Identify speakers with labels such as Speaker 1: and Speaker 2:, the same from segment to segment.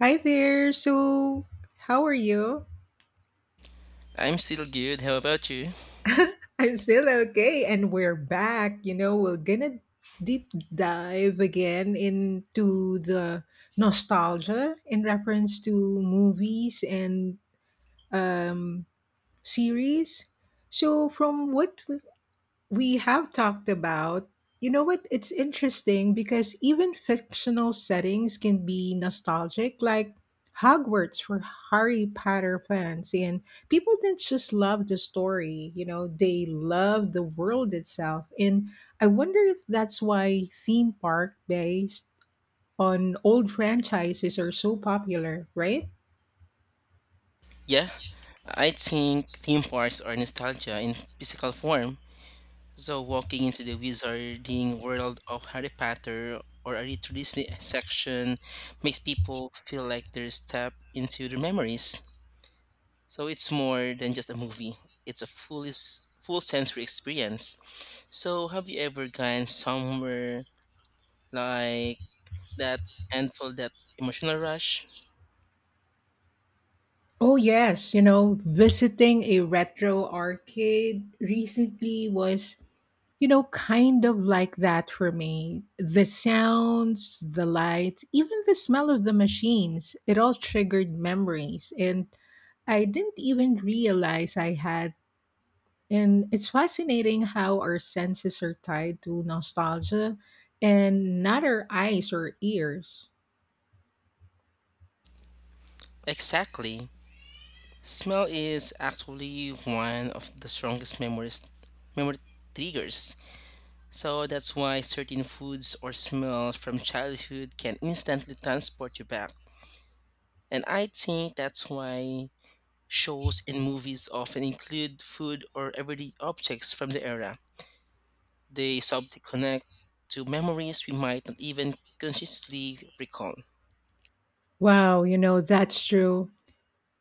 Speaker 1: Hi there. So, how are you?
Speaker 2: I'm still good. How about you?
Speaker 1: I'm still okay, and we're back. You know, we're gonna deep dive again into the nostalgia in reference to movies and um, series. So, from what we have talked about, you know what, it's interesting because even fictional settings can be nostalgic, like Hogwarts for Harry Potter fans. And people didn't just love the story, you know, they loved the world itself. And I wonder if that's why theme park based on old franchises are so popular, right?
Speaker 2: Yeah, I think theme parks are nostalgia in physical form. So walking into the wizarding world of Harry Potter or a retro Disney section makes people feel like they're stepped into their memories. So it's more than just a movie. It's a full sensory experience. So have you ever gone somewhere like that and felt that emotional rush?
Speaker 1: Oh, yes. You know, visiting a retro arcade recently was, you know, kind of like that for me. The sounds, the lights, even the smell of the machines, it all triggered memories. And I didn't even realize I had. And it's fascinating how our senses are tied to nostalgia, and not our eyes or ears.
Speaker 2: Exactly. Smell is actually one of the strongest memories memory triggers. So that's why certain foods or smells from childhood can instantly transport you back. And I think that's why shows and movies often include food or everyday objects from the era. They subtly connect to memories we might not even consciously recall.
Speaker 1: Wow, you know, that's true.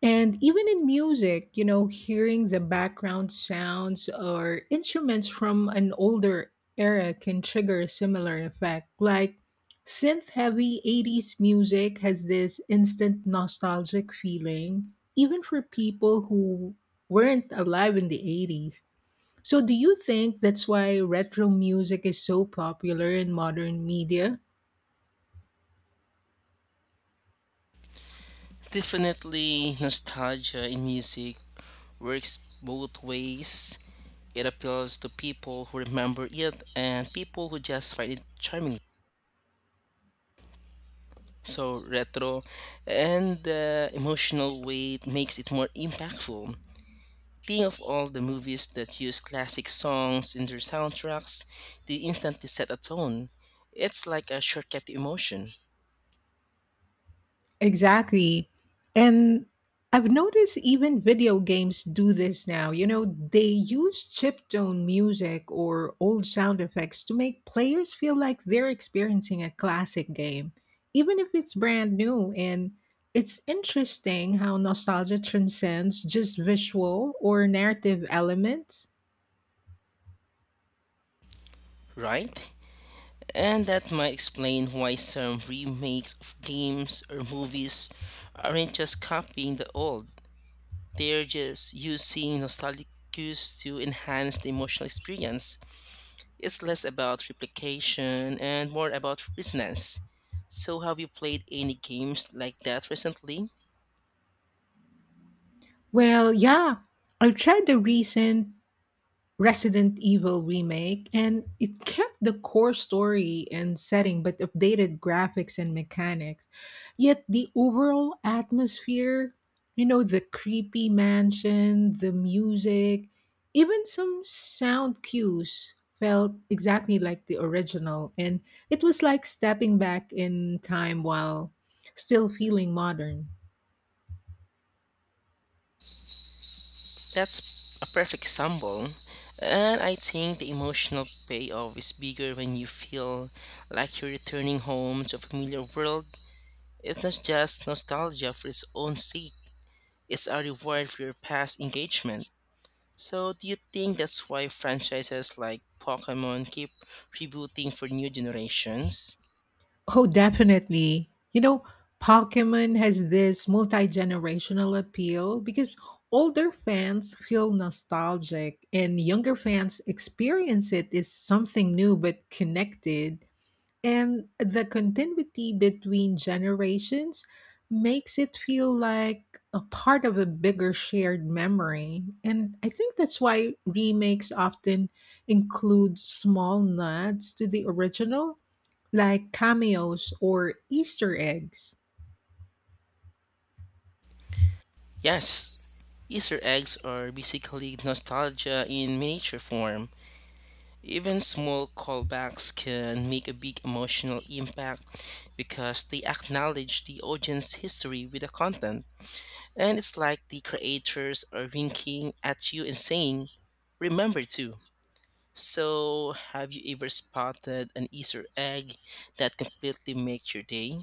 Speaker 1: And even in music, you know, hearing the background sounds or instruments from an older era can trigger a similar effect. Like synth heavy 80s music has this instant nostalgic feeling, even for people who weren't alive in the 80s. So, do you think that's why retro music is so popular in modern media?
Speaker 2: Definitely nostalgia in music works both ways. It appeals to people who remember it and people who just find it charming. So retro and the emotional weight makes it more impactful. Think of all the movies that use classic songs in their soundtracks, they instantly set a tone. It's like a shortcut to emotion,
Speaker 1: Exactly. And I've noticed even video games do this now. You know, they use chiptune music or old sound effects to make players feel like they're experiencing a classic game, even if it's brand new. And it's interesting how nostalgia transcends just visual or narrative elements.
Speaker 2: right? And that might explain why some remakes of games or movies aren't just copying the old. They're just using nostalgic cues to enhance the emotional experience. It's less about replication and more about resonance. So, have you played any games like that recently?
Speaker 1: Well, yeah, I've tried the recent Resident Evil remake, and it kept the core story and setting but updated graphics and mechanics. Yet the overall atmosphere, you know, the creepy mansion, the music, even some sound cues felt exactly like the original, and it was like stepping back in time while still feeling modern.
Speaker 2: That's a perfect example. And I think the emotional payoff is bigger when you feel like you're returning home to a familiar world. It's not just nostalgia for its own sake, it's a reward for your past engagement. So, do you think that's why franchises like Pokemon keep rebooting for new generations?
Speaker 1: Oh, definitely. You know, Pokemon has this multi generational appeal because older fans feel nostalgic and younger fans experience it as something new but connected. And the continuity between generations makes it feel like a part of a bigger shared memory. And I think that's why remakes often include small nods to the original, like cameos or Easter eggs.
Speaker 2: Yes, Easter eggs are basically nostalgia in miniature form. Even small callbacks can make a big emotional impact because they acknowledge the audience's history with the content. And it's like the creators are winking at you and saying, Remember too. So, have you ever spotted an Easter egg that completely makes your day?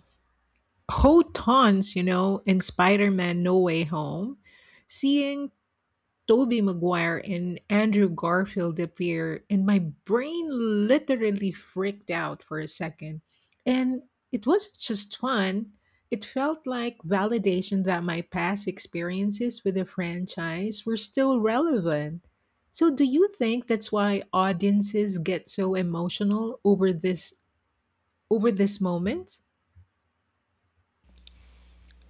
Speaker 1: Whole tons, you know, in Spider Man No Way Home. Seeing Toby Maguire and Andrew Garfield appear, and my brain literally freaked out for a second. And it wasn't just fun, it felt like validation that my past experiences with the franchise were still relevant. So do you think that's why audiences get so emotional over this moment?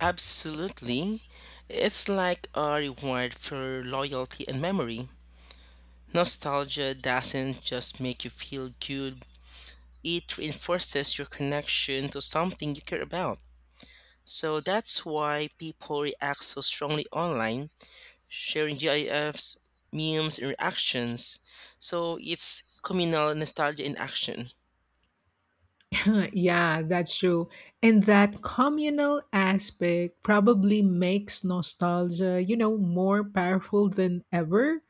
Speaker 2: Absolutely. It's like a reward for loyalty and memory. Nostalgia doesn't just make you feel good, it reinforces your connection to something you care about. So that's why people react so strongly online, sharing GIFs, memes, and reactions. So it's communal nostalgia in action.
Speaker 1: Yeah, that's true. And that communal aspect probably makes nostalgia, you know, more powerful than ever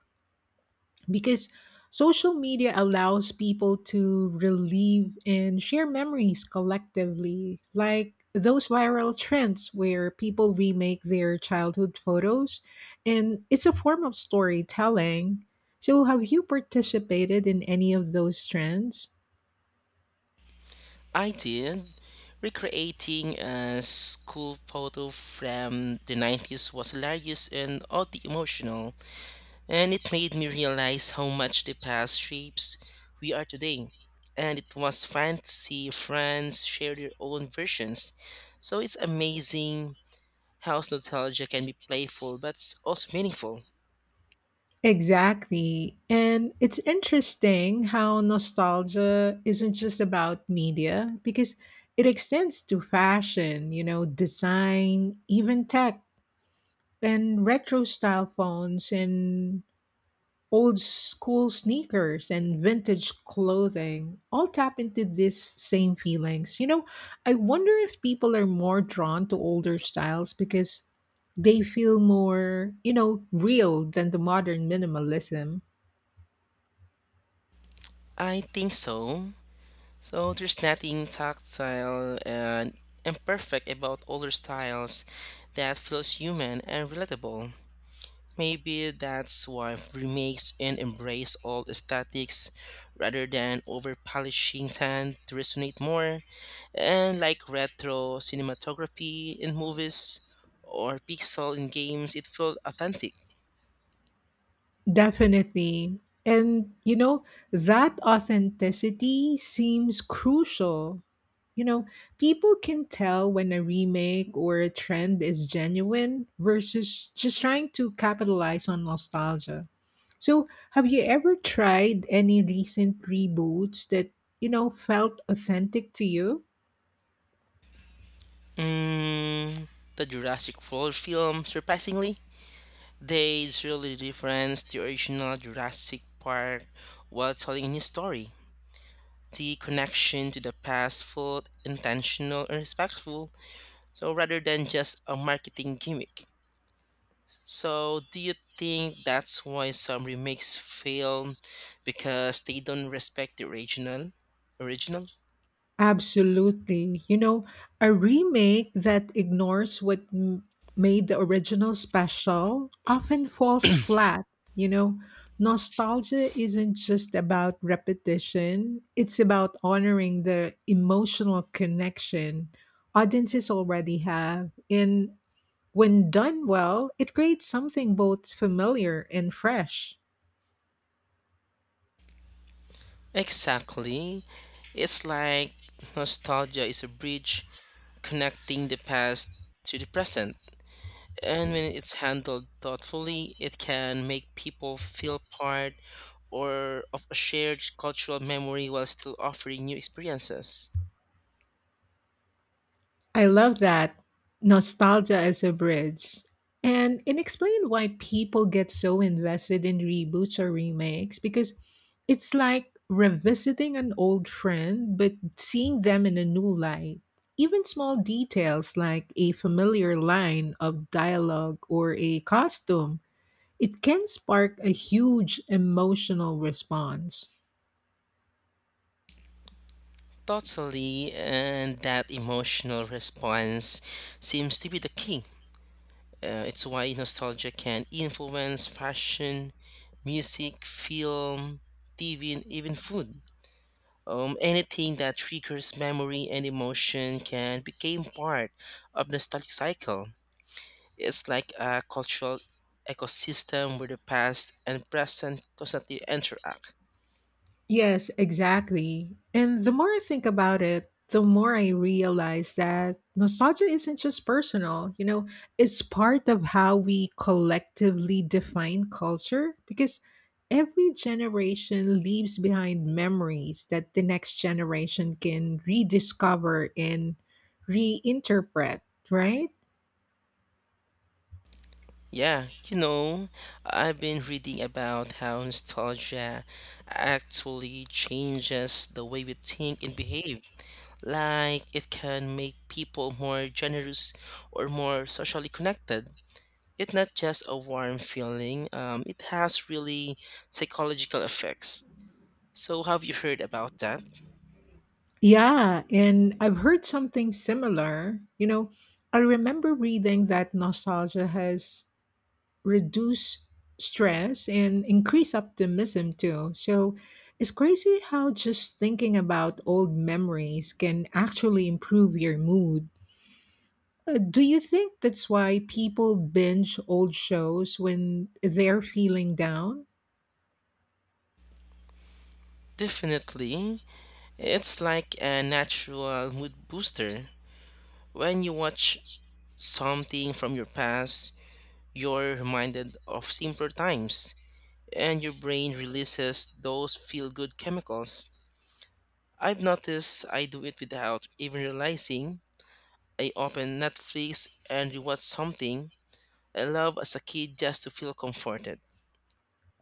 Speaker 1: because social media allows people to relive and share memories collectively, like those viral trends where people remake their childhood photos. And it's a form of storytelling. So, have you participated in any of those trends?
Speaker 2: I did. Recreating a school photo from the 90s was hilarious and oddly emotional, and it made me realize how much the past shapes we are today. And it was fun to see friends share their own versions. So it's amazing how nostalgia can be playful but also meaningful.
Speaker 1: Exactly. And it's interesting how nostalgia isn't just about media because it extends to fashion, you know, design, even tech, and retro style phones, and old school sneakers, and vintage clothing all tap into these same feelings. You know, I wonder if people are more drawn to older styles because they feel more, you know, real than the modern minimalism.
Speaker 2: I think so. So there's nothing tactile and imperfect about older styles that feels human and relatable. Maybe that's why remakes and embrace old aesthetics rather than over polishing tend to resonate more. And like retro cinematography in movies or pixel in games, it felt authentic.
Speaker 1: Definitely. And, you know, that authenticity seems crucial. You know, people can tell when a remake or a trend is genuine versus just trying to capitalize on nostalgia. So, have you ever tried any recent reboots that, you know, felt authentic to you?
Speaker 2: Mm, the Jurassic World film, surprisingly, they really reference the original Jurassic Park while telling a new story. The connection to the past felt intentional and respectful, so rather than just a marketing gimmick. So, do you think that's why some remakes fail because they don't respect the original?
Speaker 1: Absolutely. You know, a remake that ignores made the original special often falls flat. You know, nostalgia isn't just about repetition, it's about honoring the emotional connection audiences already have. And when done well, it creates something both familiar and fresh.
Speaker 2: Exactly. It's like nostalgia is a bridge connecting the past to the present. And when it's handled thoughtfully, it can make people feel part or of a shared cultural memory while still offering new experiences.
Speaker 1: I love that, nostalgia as a bridge. And it explained why people get so invested in reboots or remakes because it's like revisiting an old friend but seeing them in a new light. Even small details like a familiar line of dialogue or a costume, it can spark a huge emotional response.
Speaker 2: Totally, and that emotional response seems to be the key. It's why nostalgia can influence fashion, music, film, TV, and even food. Anything that triggers memory and emotion can become part of nostalgic cycle. It's like a cultural ecosystem where the past and present constantly interact.
Speaker 1: Yes, exactly. And the more I think about it, the more I realize that nostalgia isn't just personal, you know, it's part of how we collectively define culture because every generation leaves behind memories that the next generation can rediscover and reinterpret, right?
Speaker 2: Yeah, you know, I've been reading about how nostalgia actually changes the way we think and behave. Like, it can make people more generous or more socially connected. It's not just a warm feeling, it has really psychological effects. So, have you heard about that?
Speaker 1: Yeah, and I've heard something similar. You know, I remember reading that nostalgia has reduce stress and increase optimism too. So it's crazy how just thinking about old memories can actually improve your mood. But do you think that's why people binge old shows when they're feeling down?
Speaker 2: Definitely. It's like a natural mood booster. When you watch something from your past, you're reminded of simpler times, and your brain releases those feel good chemicals. I've noticed I do it without even realizing. I open Netflix and rewatch something I love as a kid just to feel comforted.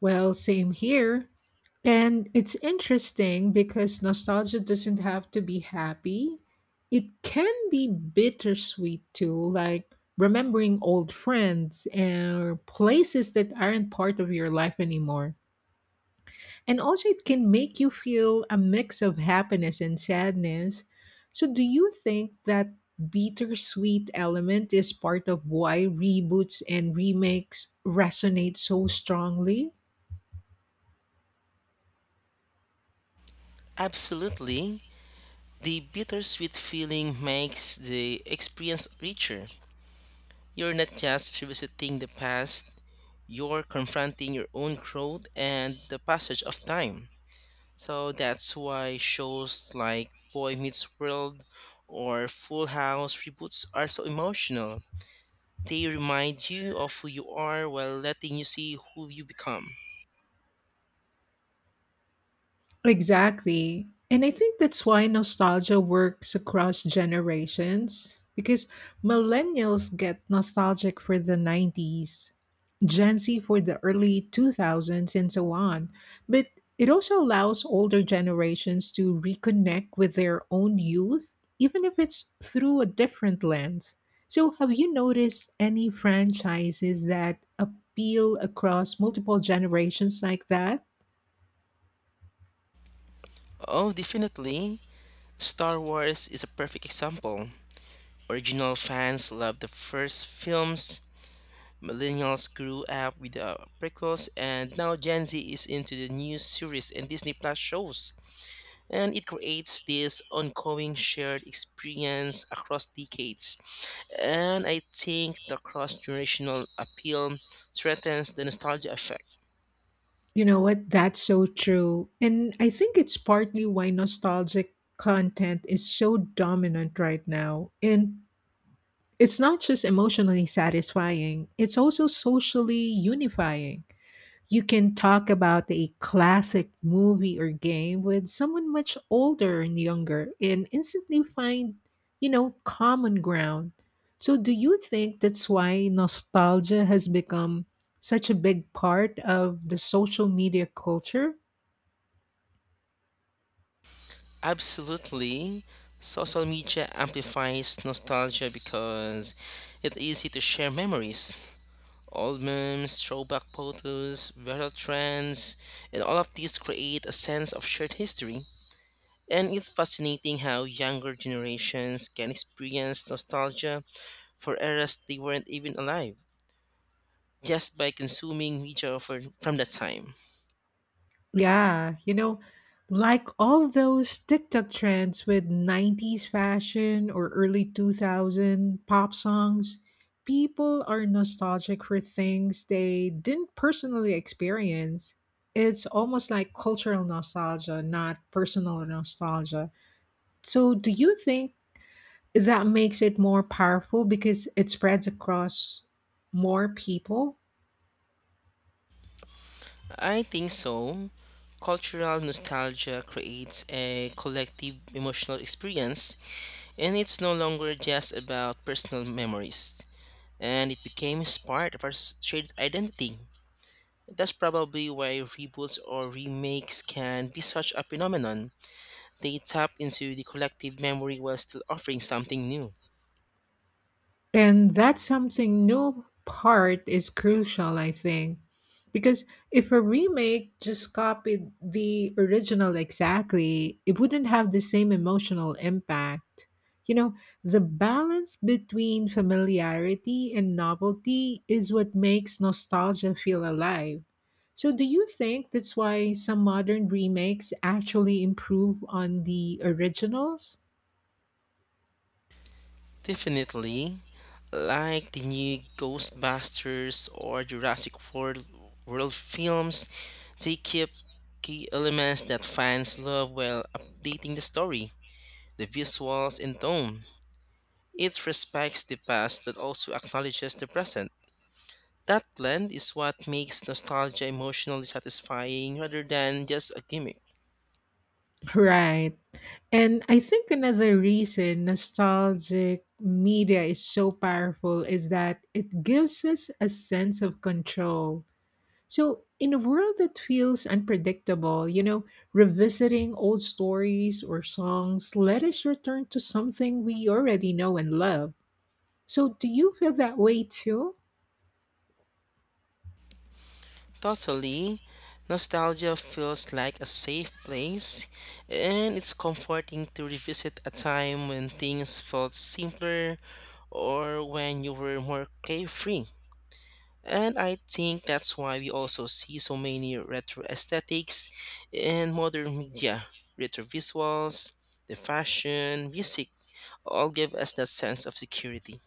Speaker 1: Well, same here. And it's interesting because nostalgia doesn't have to be happy. It can be bittersweet too, like remembering old friends and places that aren't part of your life anymore. And also, it can make you feel a mix of happiness and sadness. So, do you think that bittersweet element is part of why reboots and remakes resonate so strongly?
Speaker 2: Absolutely, the bittersweet feeling makes the experience richer. You're not just revisiting the past, you're confronting your own growth and the passage of time. So that's why shows like Boy Meets World or Full House reboots are so emotional. They remind you of who you are while letting you see who you become.
Speaker 1: Exactly. And I think that's why nostalgia works across generations because millennials get nostalgic for the 90s, Gen Z for the early 2000s, and so on. But it also allows older generations to reconnect with their own youth, even if it's through a different lens. So, have you noticed any franchises that appeal across multiple generations like that?
Speaker 2: Oh, definitely. Star Wars is a perfect example. Original fans love the first films, Millennials grew up with the prequels, and now Gen Z is into the new series and Disney Plus shows. And it creates this ongoing shared experience across decades. And I think the cross generational appeal threatens the nostalgia effect.
Speaker 1: You know what? That's so true. And I think it's partly why nostalgic content is so dominant right now. And it's not just emotionally satisfying, it's also socially unifying. You can talk about a classic movie or game with someone much older and younger and instantly find, you know, common ground. So, do you think that's why nostalgia has become such a big part of the social media culture?
Speaker 2: Absolutely. Social media amplifies nostalgia because it's easy to share memories, Old memes, throwback photos, viral trends, and all of these create a sense of shared history. And it's fascinating how younger generations can experience nostalgia for eras they weren't even alive just by consuming media for, from that time.
Speaker 1: Yeah, you know, like all those TikTok trends with 90s fashion or early 2000 pop songs, people are nostalgic for things they didn't personally experience. It's almost like cultural nostalgia, not personal nostalgia. So, do you think that makes it more powerful because it spreads across more people?
Speaker 2: I think so. Cultural nostalgia creates a collective emotional experience, and it's no longer just about personal memories, and it became part of our shared identity. That's probably why reboots or remakes can be such a phenomenon. They tap into the collective memory while still offering something new.
Speaker 1: And that's something new part is crucial, I think. Because if a remake just copied the original exactly, it wouldn't have the same emotional impact. You know, the balance between familiarity and novelty is what makes nostalgia feel alive. So, do you think that's why some modern remakes actually improve on the originals?
Speaker 2: Definitely, like the new Ghostbusters or Jurassic World films, they keep key elements that fans love while updating the story, the visuals, and tone. It respects the past but also acknowledges the present. That blend is what makes nostalgia emotionally satisfying rather than just a gimmick.
Speaker 1: Right. And I think another reason nostalgic media is so powerful is that it gives us a sense of control. So, in a world that feels unpredictable, you know, revisiting old stories or songs let us return to something we already know and love. So, do you feel that way too?
Speaker 2: Totally, nostalgia feels like a safe place, and it's comforting to revisit a time when things felt simpler or when you were more carefree. And I think that's why we also see so many retro aesthetics in modern media. Retro visuals, the fashion, music all give us that sense of security.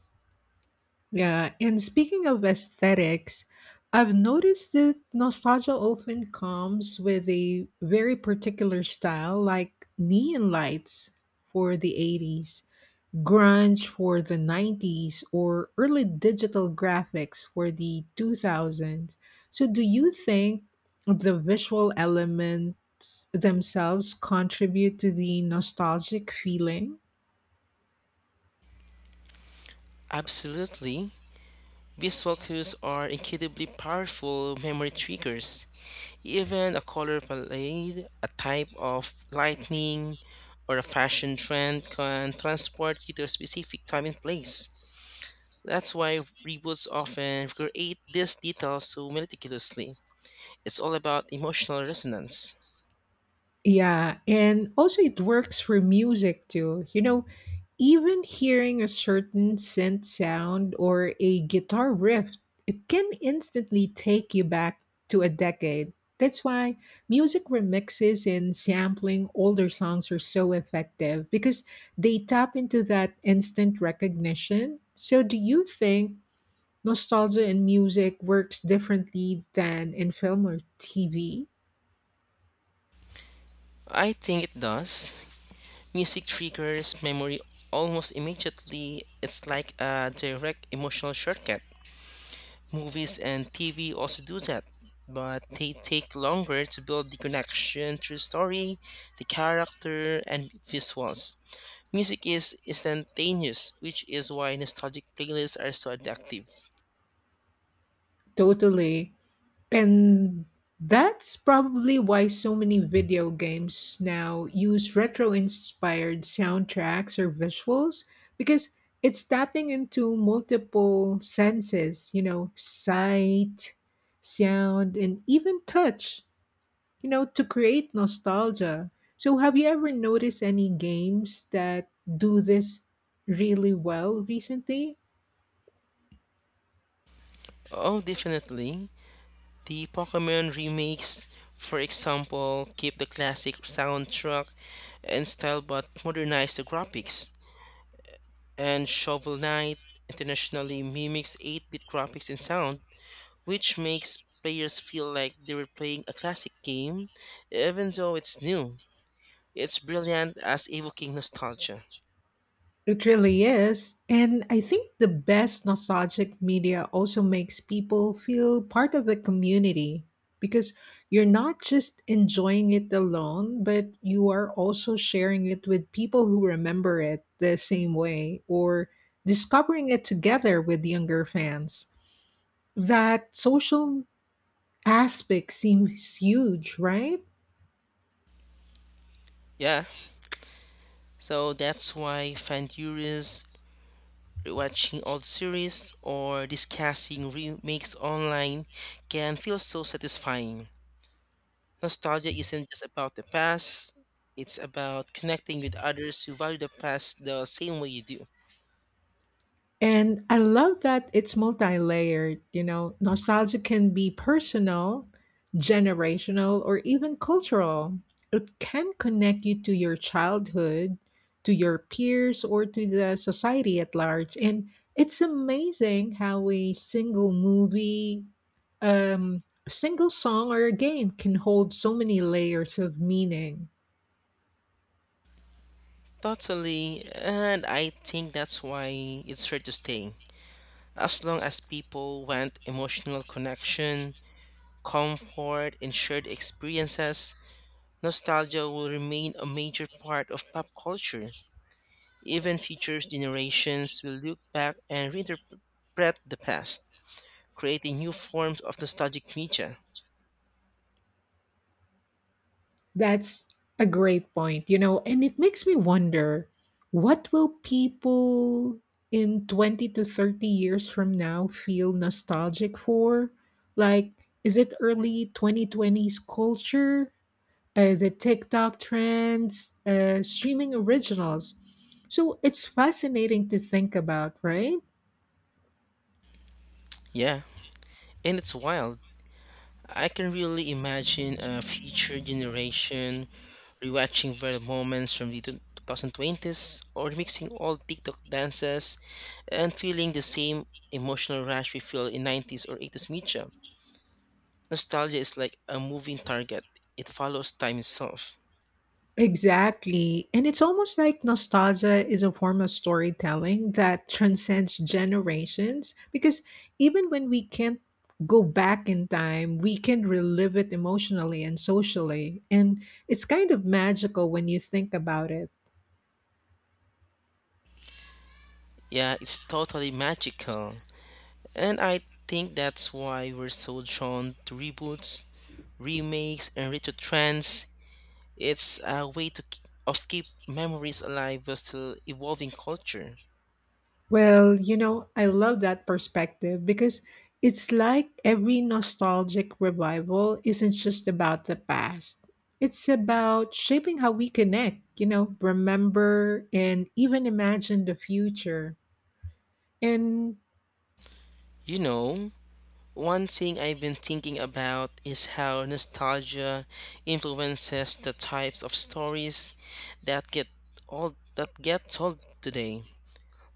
Speaker 1: Yeah, and speaking of aesthetics, I've noticed that nostalgia often comes with a very particular style, like neon lights for the 80s, grunge for the 90s, or early digital graphics for the 2000s. So, do you think the visual elements themselves contribute to the nostalgic feeling?
Speaker 2: Absolutely. Visual cues are incredibly powerful memory triggers. Even a color palette, a type of lightning, or a fashion trend can transport you to a specific time and place. That's why reboots often create these details so meticulously. It's all about emotional resonance.
Speaker 1: Yeah, and also it works for music too. You know, even hearing a certain synth sound or a guitar riff, it can instantly take you back to a decade. That's why music remixes and sampling older songs are so effective because they tap into that instant recognition. So, do you think nostalgia in music works differently than in film or TV?
Speaker 2: I think it does. Music triggers memory almost immediately. It's like a direct emotional shortcut. Movies and TV also do that, but they take longer to build the connection through story, the character, and visuals. Music is instantaneous, which is why nostalgic playlists are so addictive.
Speaker 1: Totally. And that's probably why so many video games now use retro inspired soundtracks or visuals because it's tapping into multiple senses, you know, sight, sound, and even touch, you know, to create nostalgia. So, have you ever noticed any games that do this really well recently?
Speaker 2: Oh, definitely. The Pokemon remakes, for example, keep the classic soundtrack and style but modernize the graphics. And Shovel Knight internationally mimics 8 bit graphics and sound, which makes players feel like they were playing a classic game, even though it's new. It's brilliant as evoking nostalgia.
Speaker 1: It really is. And I think the best nostalgic media also makes people feel part of a community because you're not just enjoying it alone, but you are also sharing it with people who remember it the same way or discovering it together with younger fans. That social aspect seems huge, right?
Speaker 2: Yeah, so that's why fan theories, rewatching old series, or discussing remakes online can feel so satisfying. Nostalgia isn't just about the past, it's about connecting with others who value the past the same way you do.
Speaker 1: And I love that it's multi layered. You know, nostalgia can be personal, generational, or even cultural. It can connect you to your childhood, to your peers, or to the society at large. And it's amazing how a single movie, single song, or a game can hold so many layers of meaning.
Speaker 2: Totally, and I think that's why it's here to stay. As long as people want emotional connection, comfort, and shared experiences, nostalgia will remain a major part of pop culture. Even future generations will look back and reinterpret the past, creating new forms of nostalgic media.
Speaker 1: That's a great point, you know, and it makes me wonder, what will people in 20 to 30 years from now feel nostalgic for? Like, is it early 2020s culture, the TikTok trends, streaming originals? So it's fascinating to think about, right?
Speaker 2: Yeah, and it's wild. I can really imagine a future generation rewatching viral moments from the 2020s or mixing old TikTok dances and feeling the same emotional rush we feel in 90s or 80s media. Nostalgia is like a moving target. It follows time itself.
Speaker 1: Exactly. And it's almost like nostalgia is a form of storytelling that transcends generations because even when we can't go back in time, we can relive it emotionally and socially. And it's kind of magical when you think about it.
Speaker 2: Yeah, it's totally magical. And I think that's why we're so drawn to reboots, remakes, and retro trends. It's a way to k- of keep memories alive while still evolving culture.
Speaker 1: Well, you know, I love that perspective because it's like every nostalgic revival isn't just about the past. It's about shaping how we connect, you know, remember and even imagine the future. And
Speaker 2: You know, one thing I've been thinking about is how nostalgia influences the types of stories that get that get told today.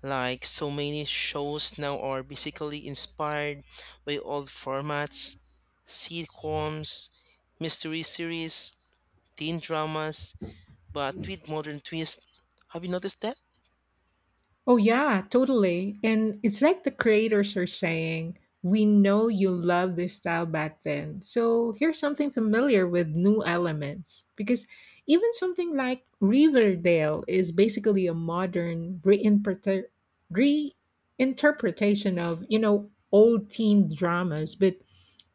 Speaker 2: Like so many shows now are basically inspired by old formats, sitcoms, mystery series, teen dramas, but with modern twists. Have you noticed that?
Speaker 1: oh, yeah, totally. And it's like the creators are saying, we know you loved this style back then. So here's something familiar with new elements. Because even something like Riverdale is basically a modern reinterpretation of, you know, old teen dramas, but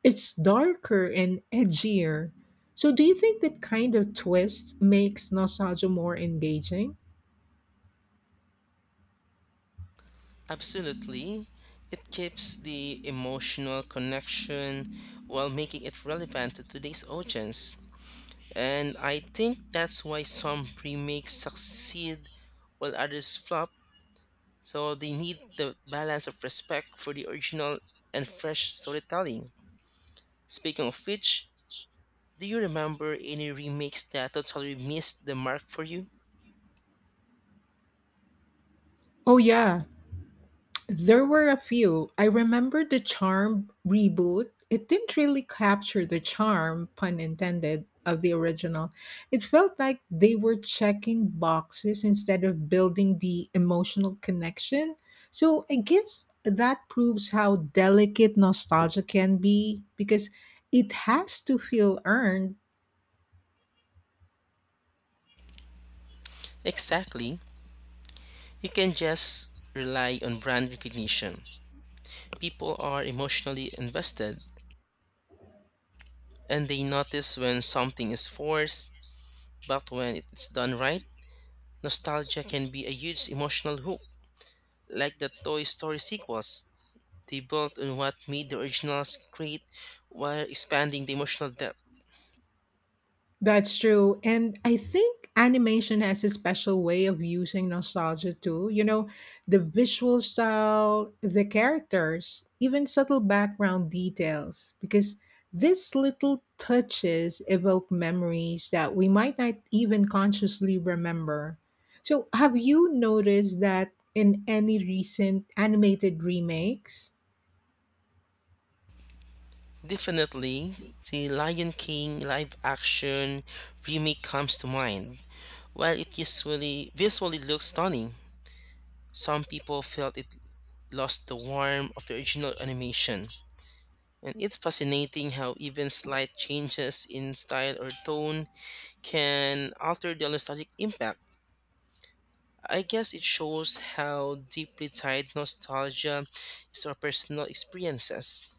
Speaker 1: it's darker and edgier. So do you think that kind of twist makes nostalgia more engaging?
Speaker 2: Absolutely. It keeps the emotional connection while making it relevant to today's audience. And I think that's why some remakes succeed while others flop. So they need the balance of respect for the original and fresh storytelling. Speaking of which, do you remember any remakes that totally missed the mark for you?
Speaker 1: Oh, yeah. There were a few. I remember the Charm reboot. It didn't really capture the charm, pun intended, of the original. It felt like they were checking boxes instead of building the emotional connection. So I guess that proves how delicate nostalgia can be because it has to feel earned.
Speaker 2: Exactly. You can just rely on brand recognition. People are emotionally invested and they notice when something is forced, but when it's done right, nostalgia can be a huge emotional hook. Like the Toy Story sequels, they built on what made the originals great while expanding the emotional depth.
Speaker 1: That's true. And I think animation has a special way of using nostalgia too. You know, the visual style, the characters, even subtle background details, because these little touches evoke memories that we might not even consciously remember. So, have you noticed that in any recent animated remakes?
Speaker 2: Definitely, the Lion King live action remake comes to mind. While it usually visually looks stunning, some people felt it lost the warmth of the original animation. And it's fascinating how even slight changes in style or tone can alter the nostalgic impact. I guess it shows how deeply tied nostalgia is to our personal experiences.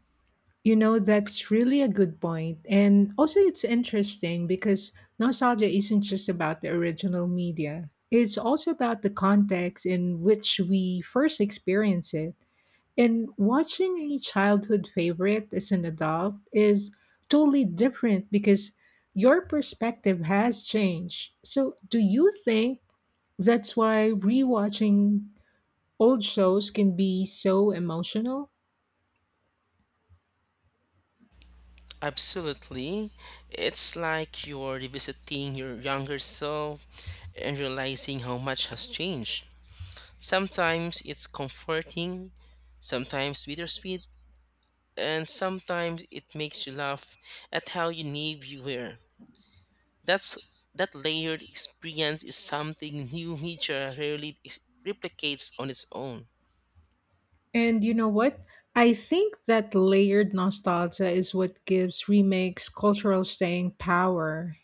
Speaker 1: You know, that's really a good point. And also, it's interesting because nostalgia isn't just about the original media, it's also about the context in which we first experience it. And watching a childhood favorite as an adult is totally different because your perspective has changed. So, do you think that's why rewatching old shows can be so emotional?
Speaker 2: Absolutely. It's like you're revisiting your younger self and realizing how much has changed. Sometimes it's comforting, sometimes bittersweet, and sometimes it makes you laugh at how naive you were. That's that layered experience is something new media rarely replicates on its own.
Speaker 1: And you know what? I think that layered nostalgia is what gives remakes cultural staying power.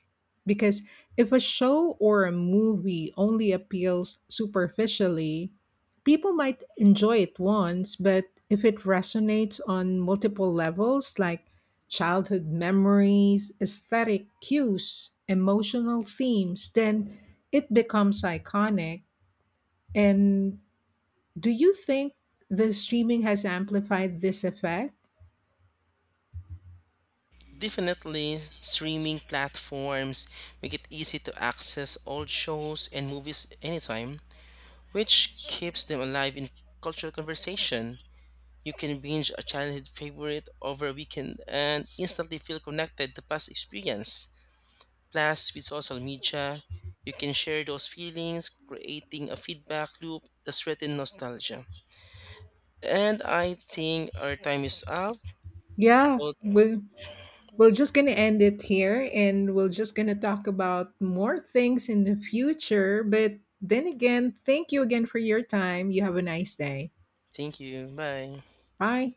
Speaker 1: Because if a show or a movie only appeals superficially, people might enjoy it once, but if it resonates on multiple levels, like childhood memories, aesthetic cues, emotional themes, then it becomes iconic, and do you think the streaming has amplified this effect?
Speaker 2: Definitely, streaming platforms make it easy to access old shows and movies anytime, which keeps them alive in cultural conversation. You can binge a childhood favorite over a weekend and instantly feel connected to past experience. Plus, with social media, you can share those feelings, creating a feedback loop that's threatens nostalgia. And I think our time is up.
Speaker 1: Yeah,
Speaker 2: So,
Speaker 1: we're just going to end it here and we're just going to talk about more things in the future. But then again, thank you again for your time. You have a nice day.
Speaker 2: thank you. Bye.
Speaker 1: Bye.